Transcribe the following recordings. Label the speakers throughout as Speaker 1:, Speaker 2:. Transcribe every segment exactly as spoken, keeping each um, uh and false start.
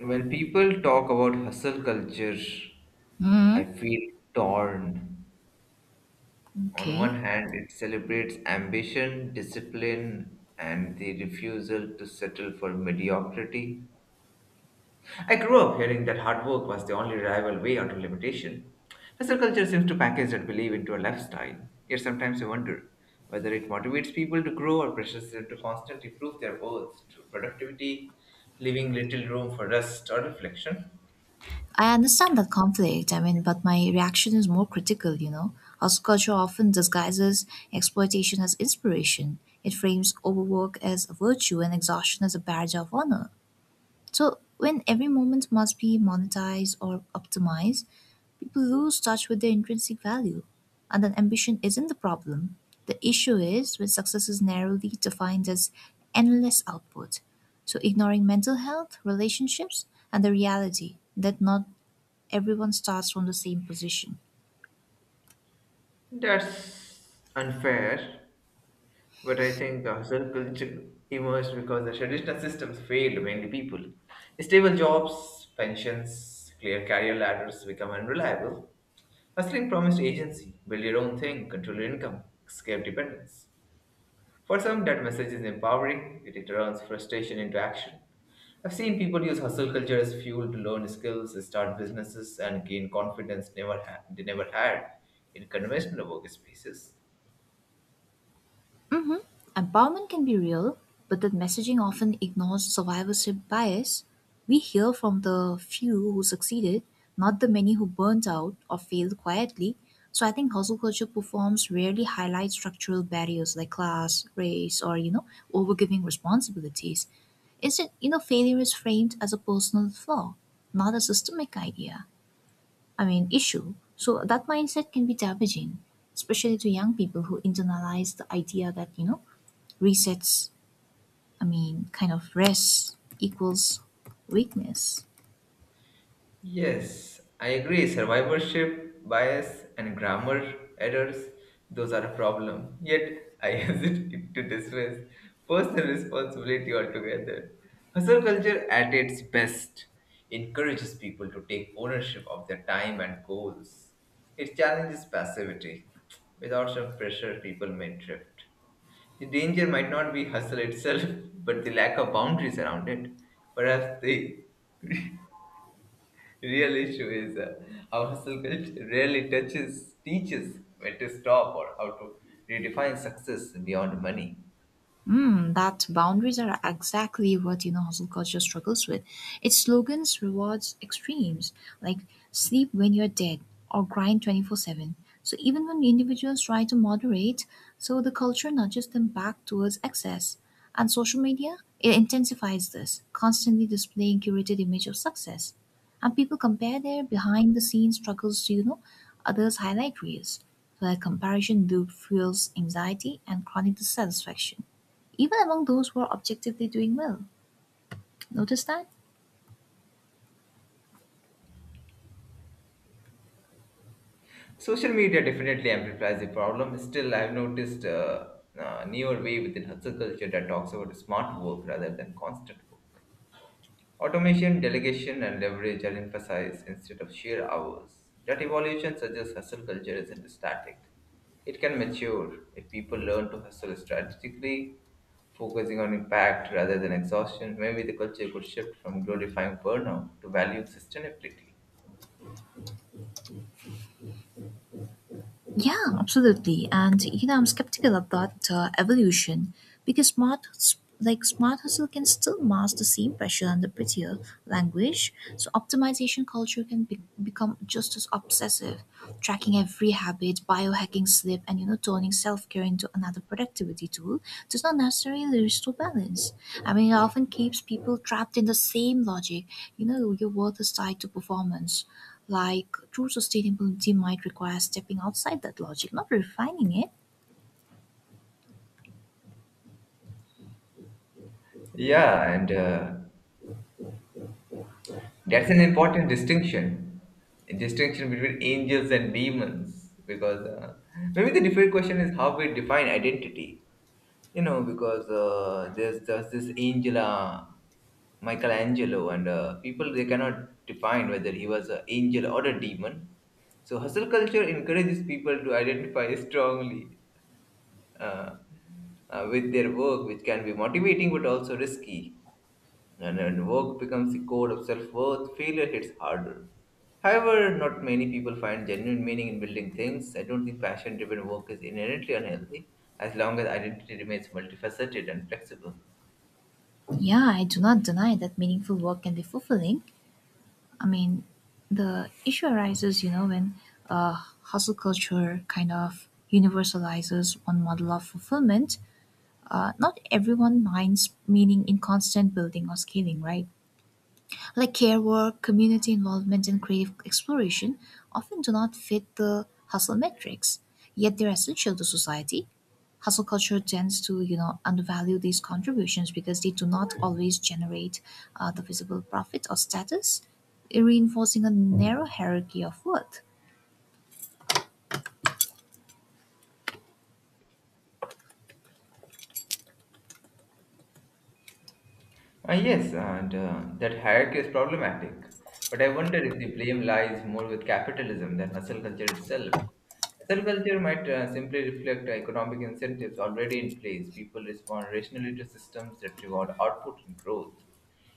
Speaker 1: When people talk about hustle culture, I
Speaker 2: Mm,
Speaker 1: feel torn. On one
Speaker 2: okay.
Speaker 1: hand, it celebrates ambition, discipline, and the refusal to settle for mediocrity. I grew up hearing that hard work was the only reliable way out of limitation. Hustle culture seems to package that belief into a lifestyle. Yet sometimes I wonder whether it motivates people to grow or pressures them to constantly prove their worth through productivity, leaving little room for rest or reflection.
Speaker 2: I understand that conflict. I mean, but my reaction is more critical, you know. Hustle culture often disguises exploitation as inspiration. It frames overwork as a virtue and exhaustion as a badge of honor. So when every moment must be monetized or optimized, people lose touch with their intrinsic value. And then ambition isn't the problem. The issue is when success is narrowly defined as endless output. So ignoring mental health, relationships, and the reality that not everyone starts from the same position.
Speaker 1: That's unfair, but I think the hustle culture emerged because the traditional systems failed many people. Stable jobs, pensions, clear career ladders become unreliable. Hustling promised agency, build your own thing, control your income, escape dependence. For some, that message is empowering, yet it turns frustration into action. I've seen people use hustle culture as fuel to learn skills, start businesses, and gain confidence never ha- they never had in conventional workspaces.
Speaker 2: Empowerment can be real, but that messaging often ignores survivorship bias. We hear from the few who succeeded, not the many who burnt out or failed quietly. So I think hustle culture performs rarely highlight structural barriers like class, race, or you know, overgiving responsibilities. Instead, you know, failure is framed as a personal flaw, not a systemic idea. I mean, issue. So that mindset can be damaging, especially to young people who internalize the idea that you know resets, I mean, kind of rest equals weakness.
Speaker 1: Yes, I agree. Survivorship bias and grammar errors, those are a problem. Yet, I hesitate to dismiss personal responsibility altogether. Hustle culture at its best encourages people to take ownership of their time and goals. It challenges passivity. Without some pressure, people may drift. The danger might not be hustle itself, but the lack of boundaries around it. Perhaps the Real issue is uh, our hustle culture rarely touches teaches when to stop or how to redefine success beyond money.
Speaker 2: Mm, that boundaries are exactly what you know hustle culture struggles with. Its slogans rewards extremes like sleep when you're dead or grind twenty-four seven. So even when individuals try to moderate, so the culture nudges them back towards excess. And social media, it intensifies this, constantly displaying curated image of success. And people compare their behind the scenes struggles to, you know, others highlight reels. So that comparison loop fuels anxiety and chronic dissatisfaction even among those who are objectively doing well. Notice that?
Speaker 1: Social media definitely amplifies the problem. Still, I've noticed a uh, uh, newer way within hustle culture that talks about smart work rather than constant work. Automation, delegation, and leverage are emphasized instead of sheer hours. That evolution suggests hustle culture isn't static. It can mature if people learn to hustle strategically, focusing on impact rather than exhaustion. Maybe the culture could shift from glorifying burnout to valuing sustainability.
Speaker 2: Yeah, absolutely. And you know, I'm skeptical about uh, evolution because smart, like smart hustle, can still mask the same pressure under prettier language. So optimization culture can be- become just as obsessive, tracking every habit, biohacking sleep, and you know, turning self-care into another productivity tool does not necessarily restore balance. I mean, it often keeps people trapped in the same logic. You know, your worth is tied to performance. Like true sustainability might require stepping outside that logic, not refining it.
Speaker 1: Yeah, and uh, That's an important distinction, a distinction between angels and demons, because uh, maybe the different question is how we define identity. You know, because uh, there's just this angel, uh, Michelangelo, and uh, people they cannot define whether he was an angel or a demon. So hustle culture encourages people to identify strongly uh, uh, with their work, which can be motivating but also risky. And when work becomes the core of self worth, failure hits harder. However, not many people find genuine meaning in building things. I don't think passion driven work is inherently unhealthy as long as identity remains multifaceted and flexible.
Speaker 2: Yeah, I do not deny that meaningful work can be fulfilling. I mean, the issue arises, you know, when uh, hustle culture kind of universalizes one model of fulfillment. Uh, not everyone minds meaning in constant building or scaling, right? Like care work, community involvement, and creative exploration, often do not fit the hustle metrics, yet they're essential to society. Hustle culture tends to, you know, undervalue these contributions because they do not always generate uh, the visible profit or status, reinforcing a narrow hierarchy of worth.
Speaker 1: Ah, yes, and uh, that hierarchy is problematic. But I wonder if the blame lies more with capitalism than hustle culture itself. Hustle culture might uh, simply reflect economic incentives already in place. People respond rationally to systems that reward output and growth.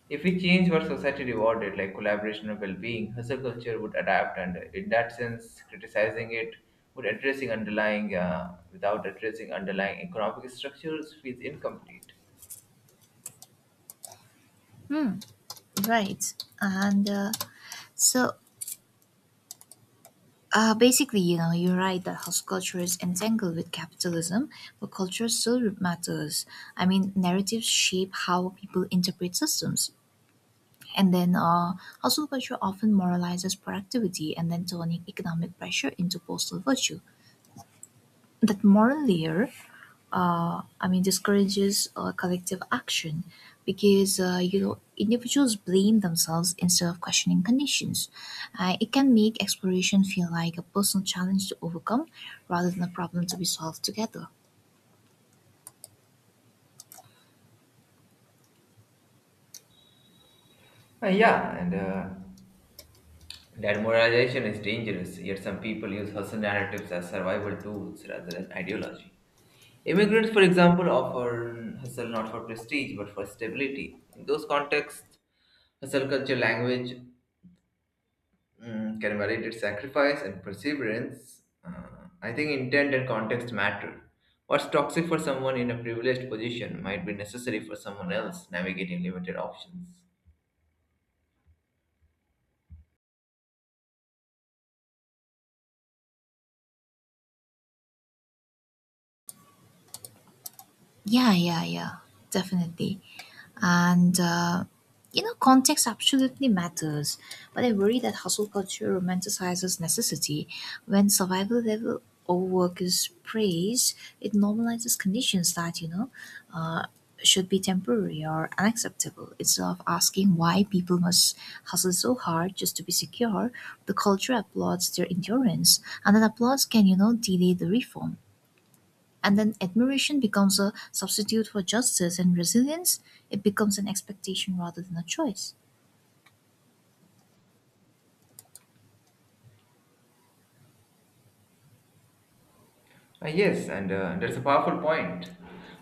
Speaker 1: If we change what society rewarded, like collaboration or well-being, hustle culture would adapt, and in that sense, criticizing it would addressing underlying uh, without addressing underlying economic structures feels incomplete.
Speaker 2: Right, and uh, so Uh, basically, you know, you're right that hustle culture is entangled with capitalism, but culture still matters. I mean, narratives shape how people interpret systems. And then uh, hustle culture often moralizes productivity and then turning economic pressure into personal virtue. That moral layer uh, I mean, discourages uh, collective action because uh, you know individuals blame themselves instead of questioning conditions. Uh, it can make exploration feel like a personal challenge to overcome rather than a problem to be solved together.
Speaker 1: Uh, yeah, and uh, that moralization is dangerous. Yet some people use hustle narratives as survival tools rather than ideology. Immigrants, for example, offer hustle not for prestige but for stability. In those contexts, hustle culture language mm, can validate sacrifice and perseverance. Uh, I think intent and context matter. What's toxic for someone in a privileged position might be necessary for someone else navigating limited options.
Speaker 2: Yeah, yeah, yeah, definitely. And, uh, you know, context absolutely matters, but I worry that hustle culture romanticizes necessity. When survival level overwork is praised, it normalizes conditions that, you know, uh, should be temporary or unacceptable. Instead of asking why people must hustle so hard just to be secure, the culture applauds their endurance and then applauds can, you know, delay the reform. And then admiration becomes a substitute for justice and resilience. It becomes an expectation rather than a choice.
Speaker 1: Uh, yes, and uh, that's a powerful point.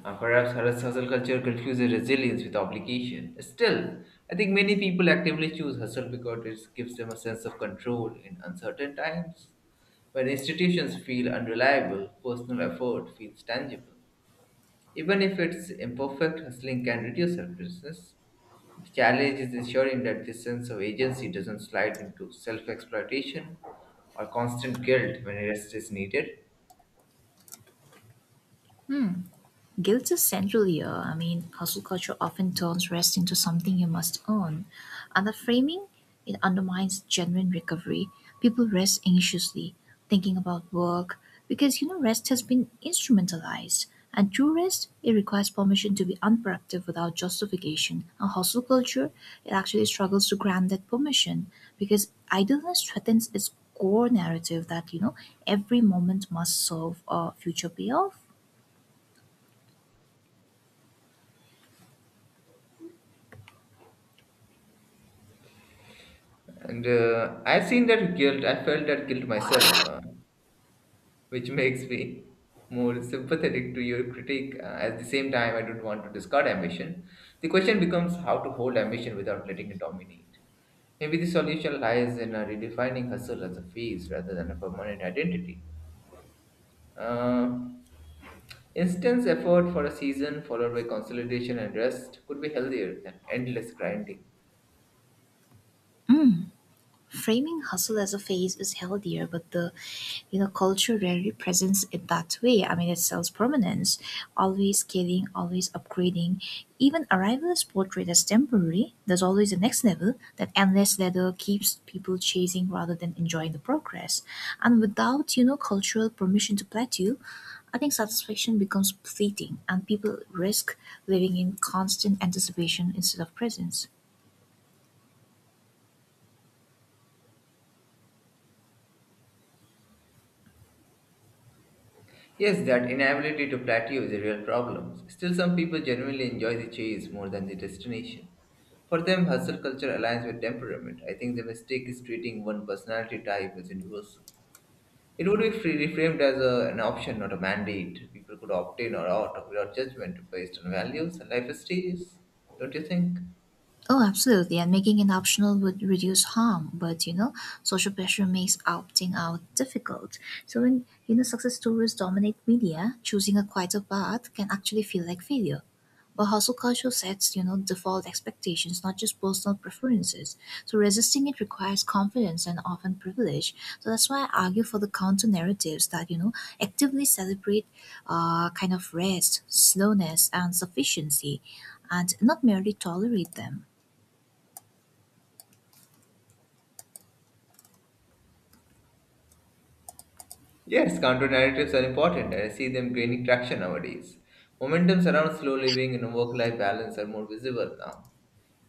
Speaker 1: Uh, perhaps our hustle culture confuses resilience with obligation. Still, I think many people actively choose hustle because it gives them a sense of control in uncertain times. When institutions feel unreliable, personal effort feels tangible. Even if it's imperfect, hustling can reduce selflessness. The challenge is ensuring that this sense of agency doesn't slide into self exploitation or constant guilt when rest is needed.
Speaker 2: Guilt is central here. I mean, hustle culture often turns rest into something you must earn, and the framing it undermines genuine recovery. People rest anxiously, thinking about work, because you know rest has been instrumentalized. And true rest, it requires permission to be unproductive without justification. And hustle culture, it actually struggles to grant that permission because idleness threatens its core narrative that you know every moment must serve a future payoff.
Speaker 1: And uh, I've seen that guilt, I felt that guilt myself, uh, which makes me more sympathetic to your critique. Uh, at the same time, I don't want to discard ambition. The question becomes how to hold ambition without letting it dominate. Maybe the solution lies in uh, redefining hustle as a phase rather than a permanent identity. Uh, Intense effort for a season followed by consolidation and rest could be healthier than endless grinding.
Speaker 2: Framing hustle as a phase is healthier, but the you know culture rarely presents it that way. I mean, it sells permanence, always scaling, always upgrading. Even arrival is portrayed as temporary. There's always a next level. That endless ladder keeps people chasing rather than enjoying the progress. And without you know cultural permission to plateau, I think satisfaction becomes fleeting, and people risk living in constant anticipation instead of presence.
Speaker 1: Yes, that inability to plateau is a real problem. Still, some people genuinely enjoy the chase more than the destination. For them, hustle culture aligns with temperament. I think the mistake is treating one personality type as universal. It would be free, reframed as a, an option, not a mandate. People could opt in or out without judgment based on values and life stages. Don't you think?
Speaker 2: Oh, absolutely. And making it optional would reduce harm. But, you know, social pressure makes opting out difficult. So when, you know, success stories dominate media, choosing a quieter path can actually feel like failure. But hustle culture sets, you know, default expectations, not just personal preferences. So resisting it requires confidence and often privilege. So that's why I argue for the counter narratives that, you know, actively celebrate uh, kind of rest, slowness, and sufficiency, and not merely tolerate them.
Speaker 1: Yes, counter narratives are important, and I see them gaining traction nowadays. Momentums around slow living and work life balance are more visible now.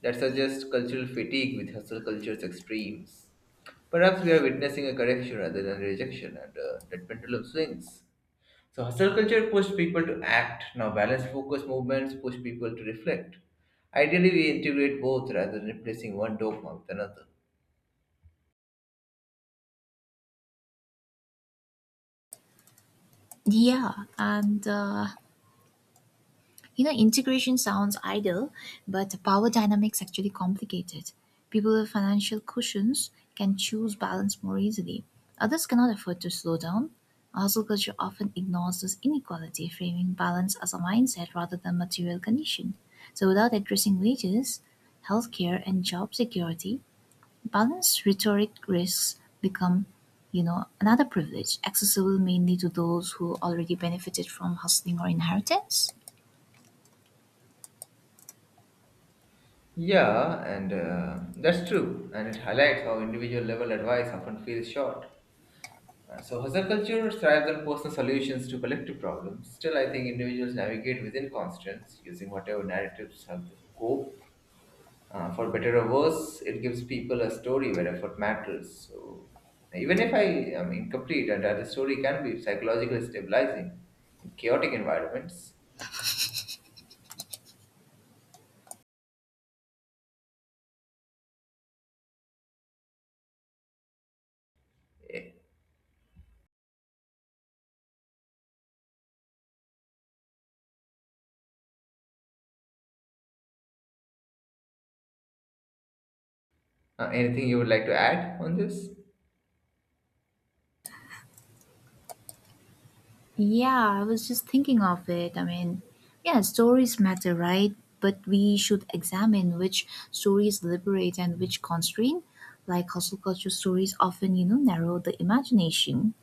Speaker 1: That suggests cultural fatigue with hustle culture's extremes. Perhaps we are witnessing a correction rather than rejection, and uh, that pendulum swings. So, hustle culture pushed people to act. Now, balance focused movements push people to reflect. Ideally, we integrate both rather than replacing one dogma with another.
Speaker 2: Yeah, and uh, you know, integration sounds ideal, but power dynamics actually complicated. People with financial cushions can choose balance more easily. Others cannot afford to slow down. Hustle culture often ignores this inequality, framing balance as a mindset rather than material condition. So, without addressing wages, healthcare, and job security, balanced rhetoric risks become, you know, another privilege, accessible mainly to those who already benefited from hustling or inheritance.
Speaker 1: Yeah, and uh, that's true, and it highlights how individual level advice often feels short. Uh, so, hustle culture thrives on personal solutions to collective problems. Still, I think individuals navigate within constraints using whatever narratives help them cope. Uh, for better or worse, it gives people a story where effort matters. So, even if I am incomplete, and the story can be psychologically stabilizing in chaotic environments. Eh, Uh, anything you would like to add on this?
Speaker 2: Yeah, I was just thinking of it. I mean, yeah, stories matter, right? But we should examine which stories liberate and which constrain. Like hustle culture stories often, you know, narrow the imagination.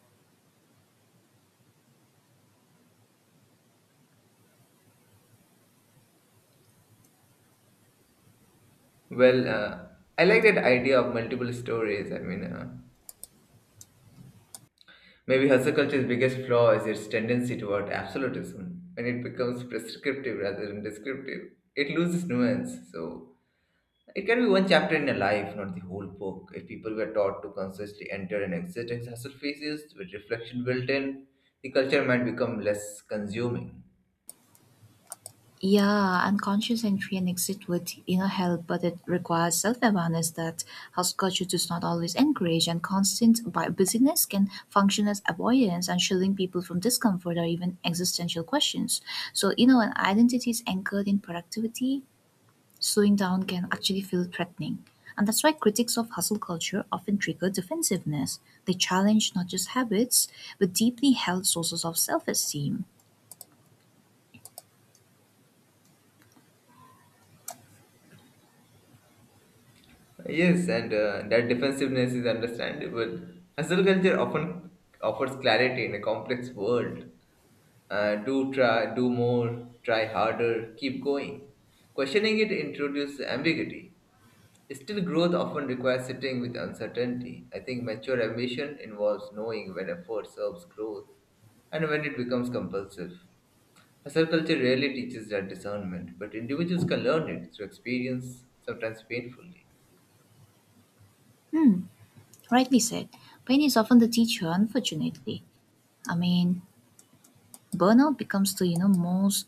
Speaker 1: Well, uh, I like that idea of multiple stories. I mean, uh, maybe hustle culture's biggest flaw is its tendency toward absolutism. When it becomes prescriptive rather than descriptive, it loses nuance. So, it can be one chapter in a life, not the whole book. If people were taught to consciously enter and exit in hustle phases with reflection built in, the culture might become less consuming.
Speaker 2: Yeah, unconscious entry and exit with inner help, but it requires self-awareness that house culture does not always encourage, and constant bu- busyness can function as avoidance and shielding people from discomfort or even existential questions. So, you know, an identity is anchored in productivity, slowing down can actually feel threatening. And that's why critics of hustle culture often trigger defensiveness. They challenge not just habits, but deeply held sources of self esteem.
Speaker 1: Yes, and uh, that defensiveness is understandable. Hustle culture often offers clarity in a complex world. Uh, do try, do more, try harder, keep going. Questioning it introduces ambiguity. Still, growth often requires sitting with uncertainty. I think mature ambition involves knowing when effort serves growth and when it becomes compulsive. Hustle culture rarely teaches that discernment, but individuals can learn it through experience, sometimes painfully.
Speaker 2: Rightly said. Pain is often the teacher, unfortunately. I mean, burnout becomes the you know most,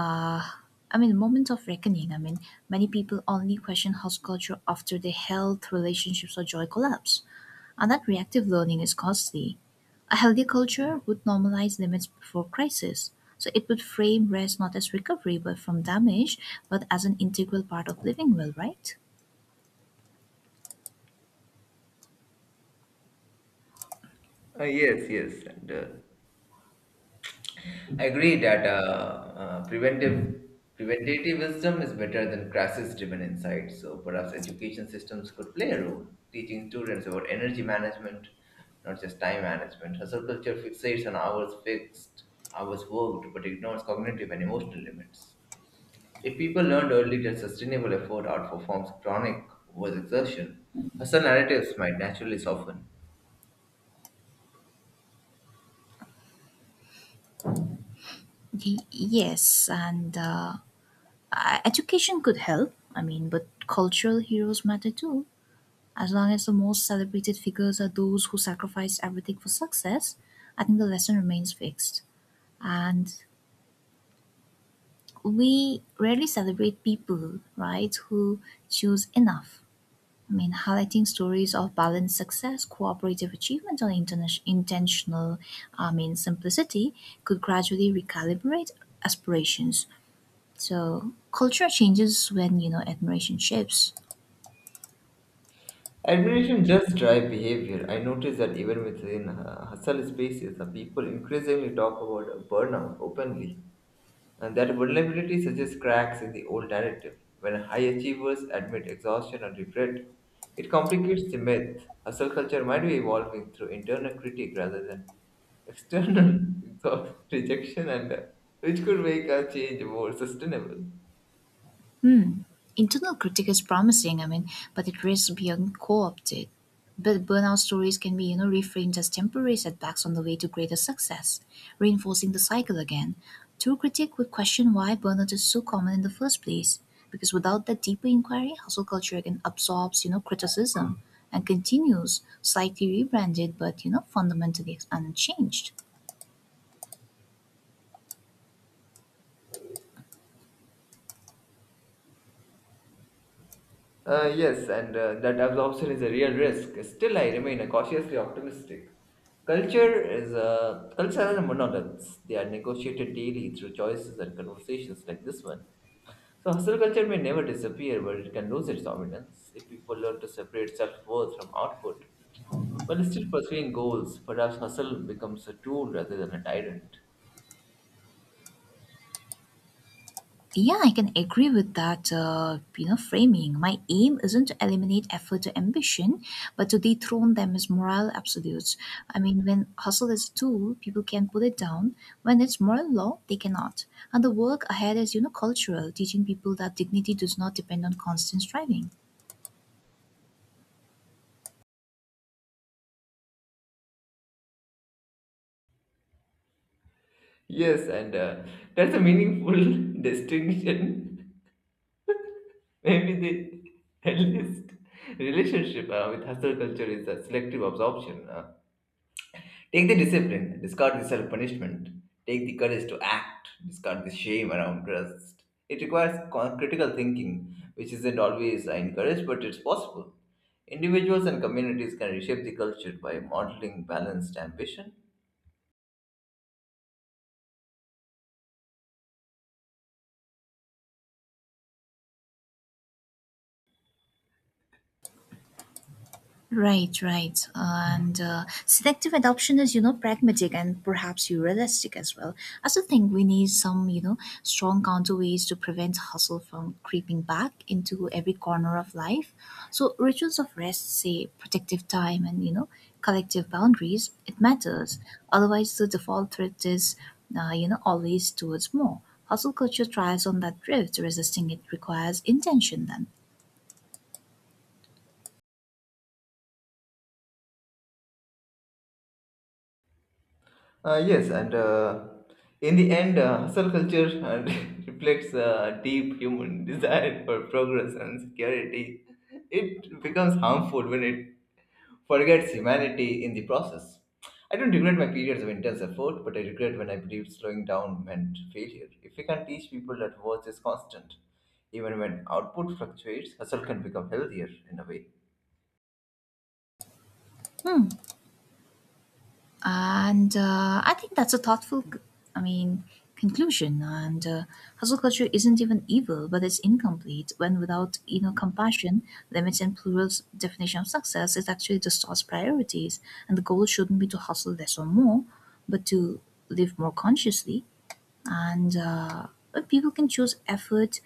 Speaker 2: uh, I mean, moment of reckoning. I mean, many people only question house culture after their health, relationships, or joy collapse, and that reactive learning is costly. A healthy culture would normalize limits before crisis, so it would frame rest not as recovery but from damage, but as an integral part of living well, right?
Speaker 1: Uh, yes, yes, and uh, I agree that uh, uh, preventive preventative wisdom is better than crisis-driven insight. So perhaps education systems could play a role, teaching students about energy management, not just time management. Hustle culture fixates on hours fixed, hours worked, but ignores cognitive and emotional limits. If people learned early that sustainable effort outperforms chronic overexertion, hustle narratives might naturally soften.
Speaker 2: Y- yes, and uh, Uh, education could help, I mean, but cultural heroes matter too. As long as the most celebrated figures are those who sacrificed everything for success, I think the lesson remains fixed. And we rarely celebrate people, right, who choose enough. I mean, highlighting stories of balanced success, cooperative achievement, or interna- intentional, I mean, simplicity could gradually recalibrate aspirations. So, culture changes when, you know, admiration shifts.
Speaker 1: Admiration does drive behavior. I notice that even within uh, hustle spaces, the people increasingly talk about a burnout openly, and that vulnerability suggests cracks in the old narrative. When high achievers admit exhaustion or regret, it complicates the myth. Hustle culture might be evolving through internal critique rather than external thought rejection, and uh, which could make a change more sustainable.
Speaker 2: Internal critique is promising, I mean, but it risks being co-opted. But burnout stories can be, you know, reframed as temporary setbacks on the way to greater success, reinforcing the cycle again. True critique would question why burnout is so common in the first place, because without that deeper inquiry, hustle culture again absorbs, you know, criticism and continues slightly rebranded but, you know, fundamentally unchanged.
Speaker 1: Uh, yes, and uh, that absorption is a real risk. Still, I remain cautiously optimistic. Culture is uh, Cultural monoliths. They are negotiated daily through choices and conversations like this one. So, hustle culture may never disappear, but it can lose its dominance if people learn to separate self worth from output. While still pursuing goals, perhaps hustle becomes a tool rather than a tyrant.
Speaker 2: Yeah, I can agree with that. Uh, you know, framing. My aim isn't to eliminate effort or ambition, but to dethrone them as moral absolutes. I mean, when hustle is a tool, people can put it down. When it's moral law, they cannot. And the work ahead is, you know, cultural, teaching people that dignity does not depend on constant striving.
Speaker 1: Yes, and uh, that's a meaningful distinction. Maybe the healthiest relationship uh, with hustle culture is a selective absorption. uh, Take the discipline, discard the self punishment. Take the courage to act, discard the shame around trust. It requires con- critical thinking, which isn't always uh, encouraged, but it's possible. Individuals and communities can reshape the culture by modeling balanced ambition.
Speaker 2: Right, right. And uh, selective adoption is, you know, pragmatic and perhaps realistic as well. I still think we need some, you know, strong counterweights to prevent hustle from creeping back into every corner of life. So rituals of rest, say protective time and, you know, collective boundaries, it matters. Otherwise, the default threat is, uh, you know, always towards more. Hustle culture thrives on that drift. Resisting it requires intention then.
Speaker 1: Uh, yes, and uh, in the end, uh, hustle culture uh, reflects a deep human desire for progress and security. It becomes harmful when it forgets humanity in the process. I don't regret my periods of intense effort, but I regret when I believed slowing down meant failure. If we can teach people that worth is constant, even when output fluctuates, hustle can become healthier in a way.
Speaker 2: Hmm. And uh, I think that's a thoughtful, c- I mean, conclusion. And uh, Hustle culture isn't even evil, but it's incomplete when without, you know, compassion, limits and plural's definition of success, it actually distorts priorities. And the goal shouldn't be to hustle less or more, but to live more consciously. And uh, When people can choose effort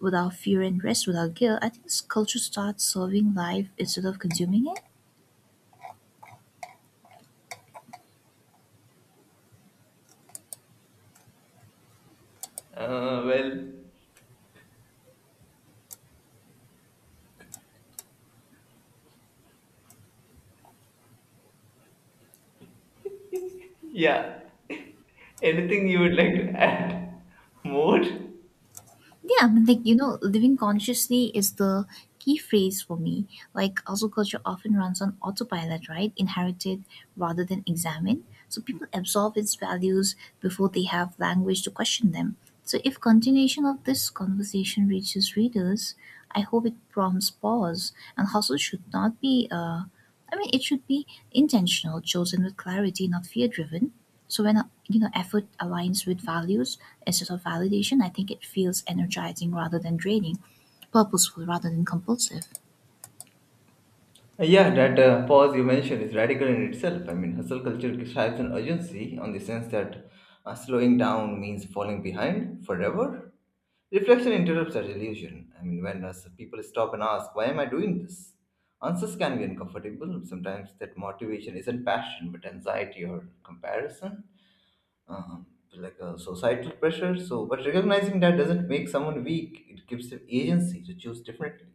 Speaker 2: without fear and rest without guilt, I think this culture starts serving life instead of consuming it.
Speaker 1: Uh, well, yeah. Anything you would like to add more?
Speaker 2: Yeah, I mean, like, you know, living consciously is the key phrase for me. Like, also, culture often runs on autopilot, right? Inherited rather than examined. So, people absorb its values before they have language to question them. So, if continuation of this conversation reaches readers, I hope it prompts pause and hustle should not be, uh, I mean, it should be intentional, chosen with clarity, not fear driven. So when uh, you know effort aligns with values instead of validation, I think it feels energizing rather than draining, purposeful rather than compulsive.
Speaker 1: Uh, Yeah, that uh, pause you mentioned is radical in itself. I mean, hustle culture describes an urgency on the sense that uh, slowing down means falling behind forever. Reflection interrupts that illusion. I mean, when us people stop and ask, why am I doing this? Answers can be uncomfortable. Sometimes that motivation isn't passion, but anxiety or comparison, um, like a societal pressure. So, but recognizing that doesn't make someone weak. It gives them agency to choose differently.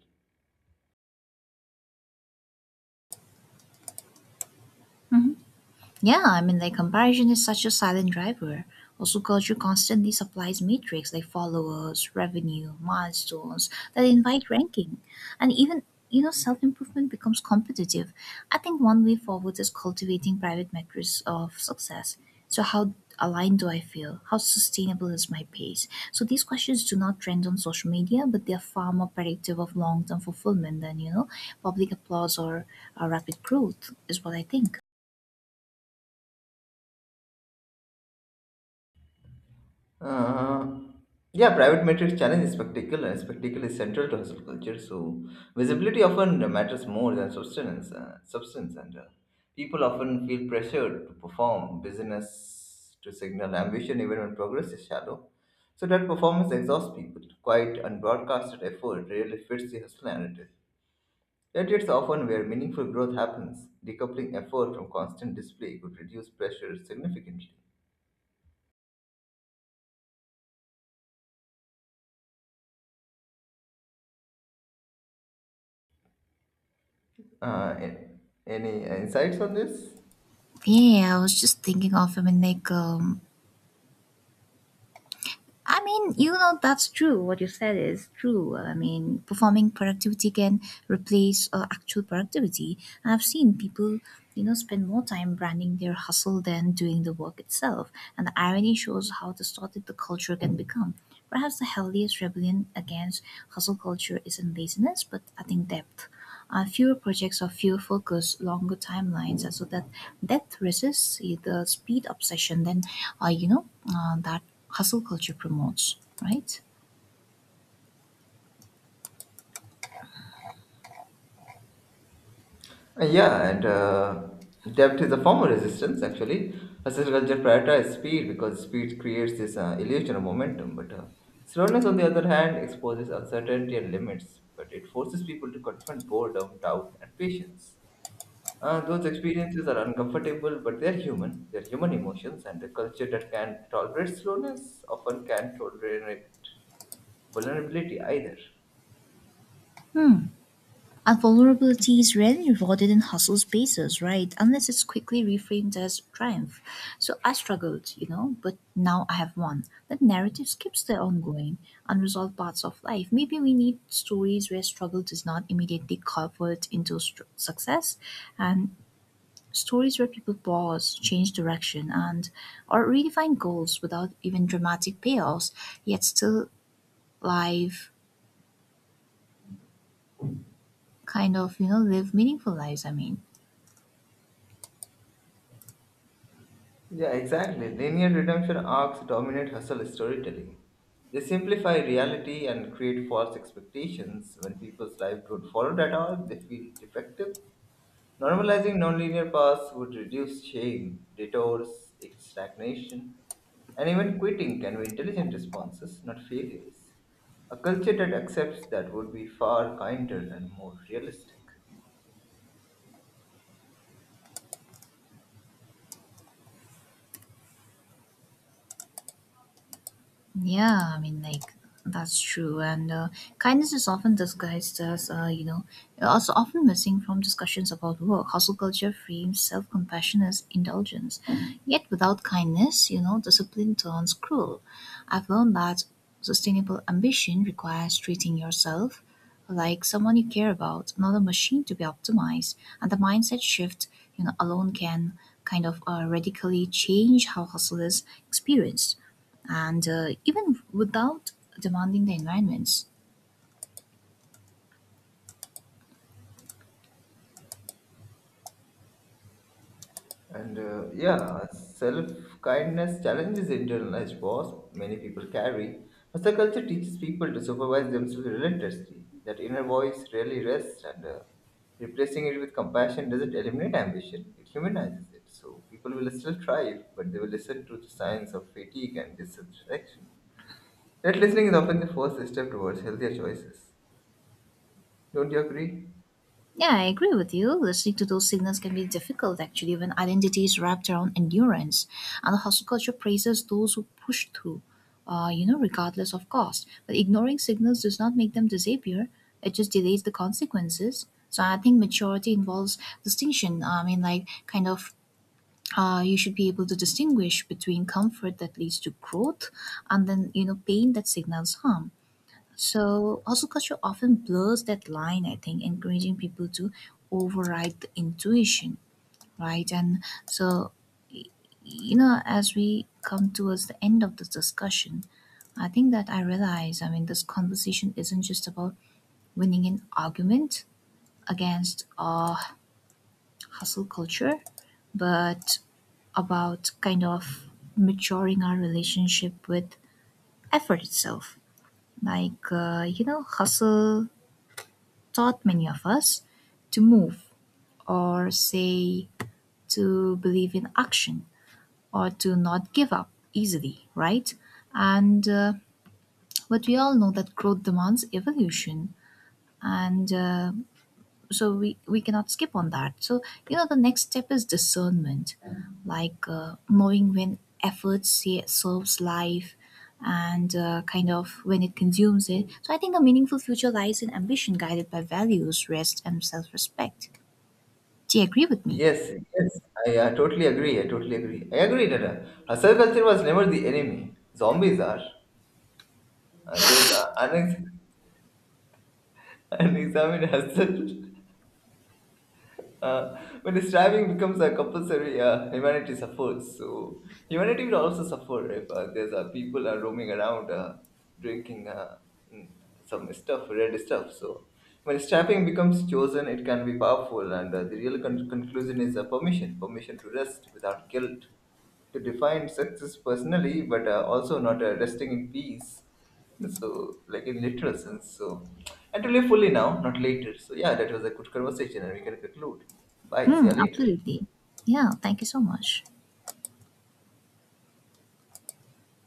Speaker 2: Yeah, I mean, the comparison is such a silent driver. Also, culture constantly supplies metrics like followers, revenue, milestones that invite ranking. And even, you know, Self improvement becomes competitive. I think one way forward is cultivating private metrics of success. So how aligned do I feel? How sustainable is my pace? So these questions do not trend on social media, but they are far more predictive of long term fulfillment than, you know, public applause or uh, rapid growth, is what I think.
Speaker 1: Uh, yeah, private metrics challenge is spectacle, and spectacle is central to hustle culture. So visibility often matters more than substance. Uh, substance, and uh, People often feel pressured to perform business to signal ambition, even when progress is shallow. So that performance exhausts people. Quiet and broadcasted effort really fits the hustle narrative. Yet it's often where meaningful growth happens. Decoupling effort from constant display could reduce pressure significantly. Uh, a- any insights on this?
Speaker 2: Yeah, I was just thinking of him and like, um, I mean, you know, that's true. What you said is true. I mean, performing productivity can replace uh, actual productivity. I've seen people, you know, spend more time branding their hustle than doing the work itself. And the irony shows how distorted the culture can become. Perhaps the healthiest rebellion against hustle culture isn't laziness, but I think depth. Uh, fewer projects or fewer focus, longer timelines, and so that that resists the speed obsession. Then, uh, you know, uh, that hustle culture promotes, right?
Speaker 1: Uh, Yeah, and uh, depth is a form of resistance actually. Hustle culture prioritizes speed because speed creates this uh, illusion of momentum, but uh, slowness, on the other hand, exposes uncertainty and limits, but it forces people to confront boredom, doubt, and patience. Uh, those experiences are uncomfortable, but they're human. They're human emotions, and a culture that can tolerate slowness often can tolerate vulnerability either.
Speaker 2: And vulnerability is rarely rewarded in hustle spaces, right? Unless it's quickly reframed as triumph. So I struggled, you know, but now I have won. That narrative skips the ongoing, unresolved parts of life. Maybe we need stories where struggle does not immediately convert into str- success and stories where people pause, change direction, and or redefine goals without even dramatic payoffs, yet still live kind of, you know, live meaningful lives, I mean.
Speaker 1: Yeah, exactly. Linear redemption arcs dominate hustle storytelling. They simplify reality and create false expectations. When people's lives don't follow that arc, they feel defective. Normalizing nonlinear paths would reduce shame, detours, stagnation, and even quitting can be intelligent responses, not failures. A culture that accepts that would be far kinder and more realistic.
Speaker 2: Yeah, I mean, like that's true, and uh, kindness is often disguised as, uh, you know, also often missing from discussions about work. Hustle culture frames self-compassion as indulgence, yet without kindness, you know, discipline turns cruel. I've learned that sustainable ambition requires treating yourself like someone you care about, not a machine to be optimized, and the mindset shift, you know, alone can kind of uh, radically change how hustle is experienced and uh, even without demanding the environments.
Speaker 1: And uh, yeah, self kindness challenges internalized boss many people carry. Hustle culture teaches people to supervise themselves relentlessly. That inner voice rarely rests, and uh, replacing it with compassion doesn't eliminate ambition, it humanizes it. So people will still thrive, but they will listen to the signs of fatigue and dissatisfaction. That listening is often the first step towards healthier choices. Don't you agree?
Speaker 2: Yeah, I agree with you. Listening to those signals can be difficult actually when identity is wrapped around endurance, and the hustle culture praises those who push through, uh, you know, regardless of cost. But ignoring signals does not make them disappear; it just delays the consequences. So I think maturity involves distinction. I mean, like kind of. Uh, you should be able to distinguish between comfort that leads to growth and then you know pain that signals harm. So also culture often blurs that line, I think, encouraging people to override the intuition, right? And so, you know, as we come towards the end of this discussion, I think that I realize, I mean, this conversation isn't just about winning an argument against uh, hustle culture, but about kind of maturing our relationship with effort itself. Like, uh, you know, hustle taught many of us to move, or say, to believe in action, or to not give up easily, right? And uh, but we all know that growth demands evolution, and uh, so we we cannot skip on that. So you know the next step is discernment, like uh, knowing when effort sa- serves life and uh, kind of when it consumes it. So I think a meaningful future lies in ambition guided by values, rest and self-respect. Do you agree with me?
Speaker 1: Yes, yes, I uh, totally agree. I totally agree. I agree that uh, hustle culture was never the enemy. Zombies are. Uh, those are unex- unexamined hustle. Uh, when striving becomes a compulsory, uh, humanity suffers. So humanity will also suffer if uh, there's uh, people are roaming around uh, drinking uh, mm, some stuff, red stuff. So when strapping becomes chosen, it can be powerful, and uh, the real con- conclusion is uh, permission, permission to rest without guilt, to define success personally, but uh, also not uh, resting in peace. So, like in literal sense. So, and to live fully now, not later. So, yeah, that was a good conversation, and we can conclude. Bye. See
Speaker 2: Mm,
Speaker 1: you later.
Speaker 2: absolutely. Yeah, thank you so much.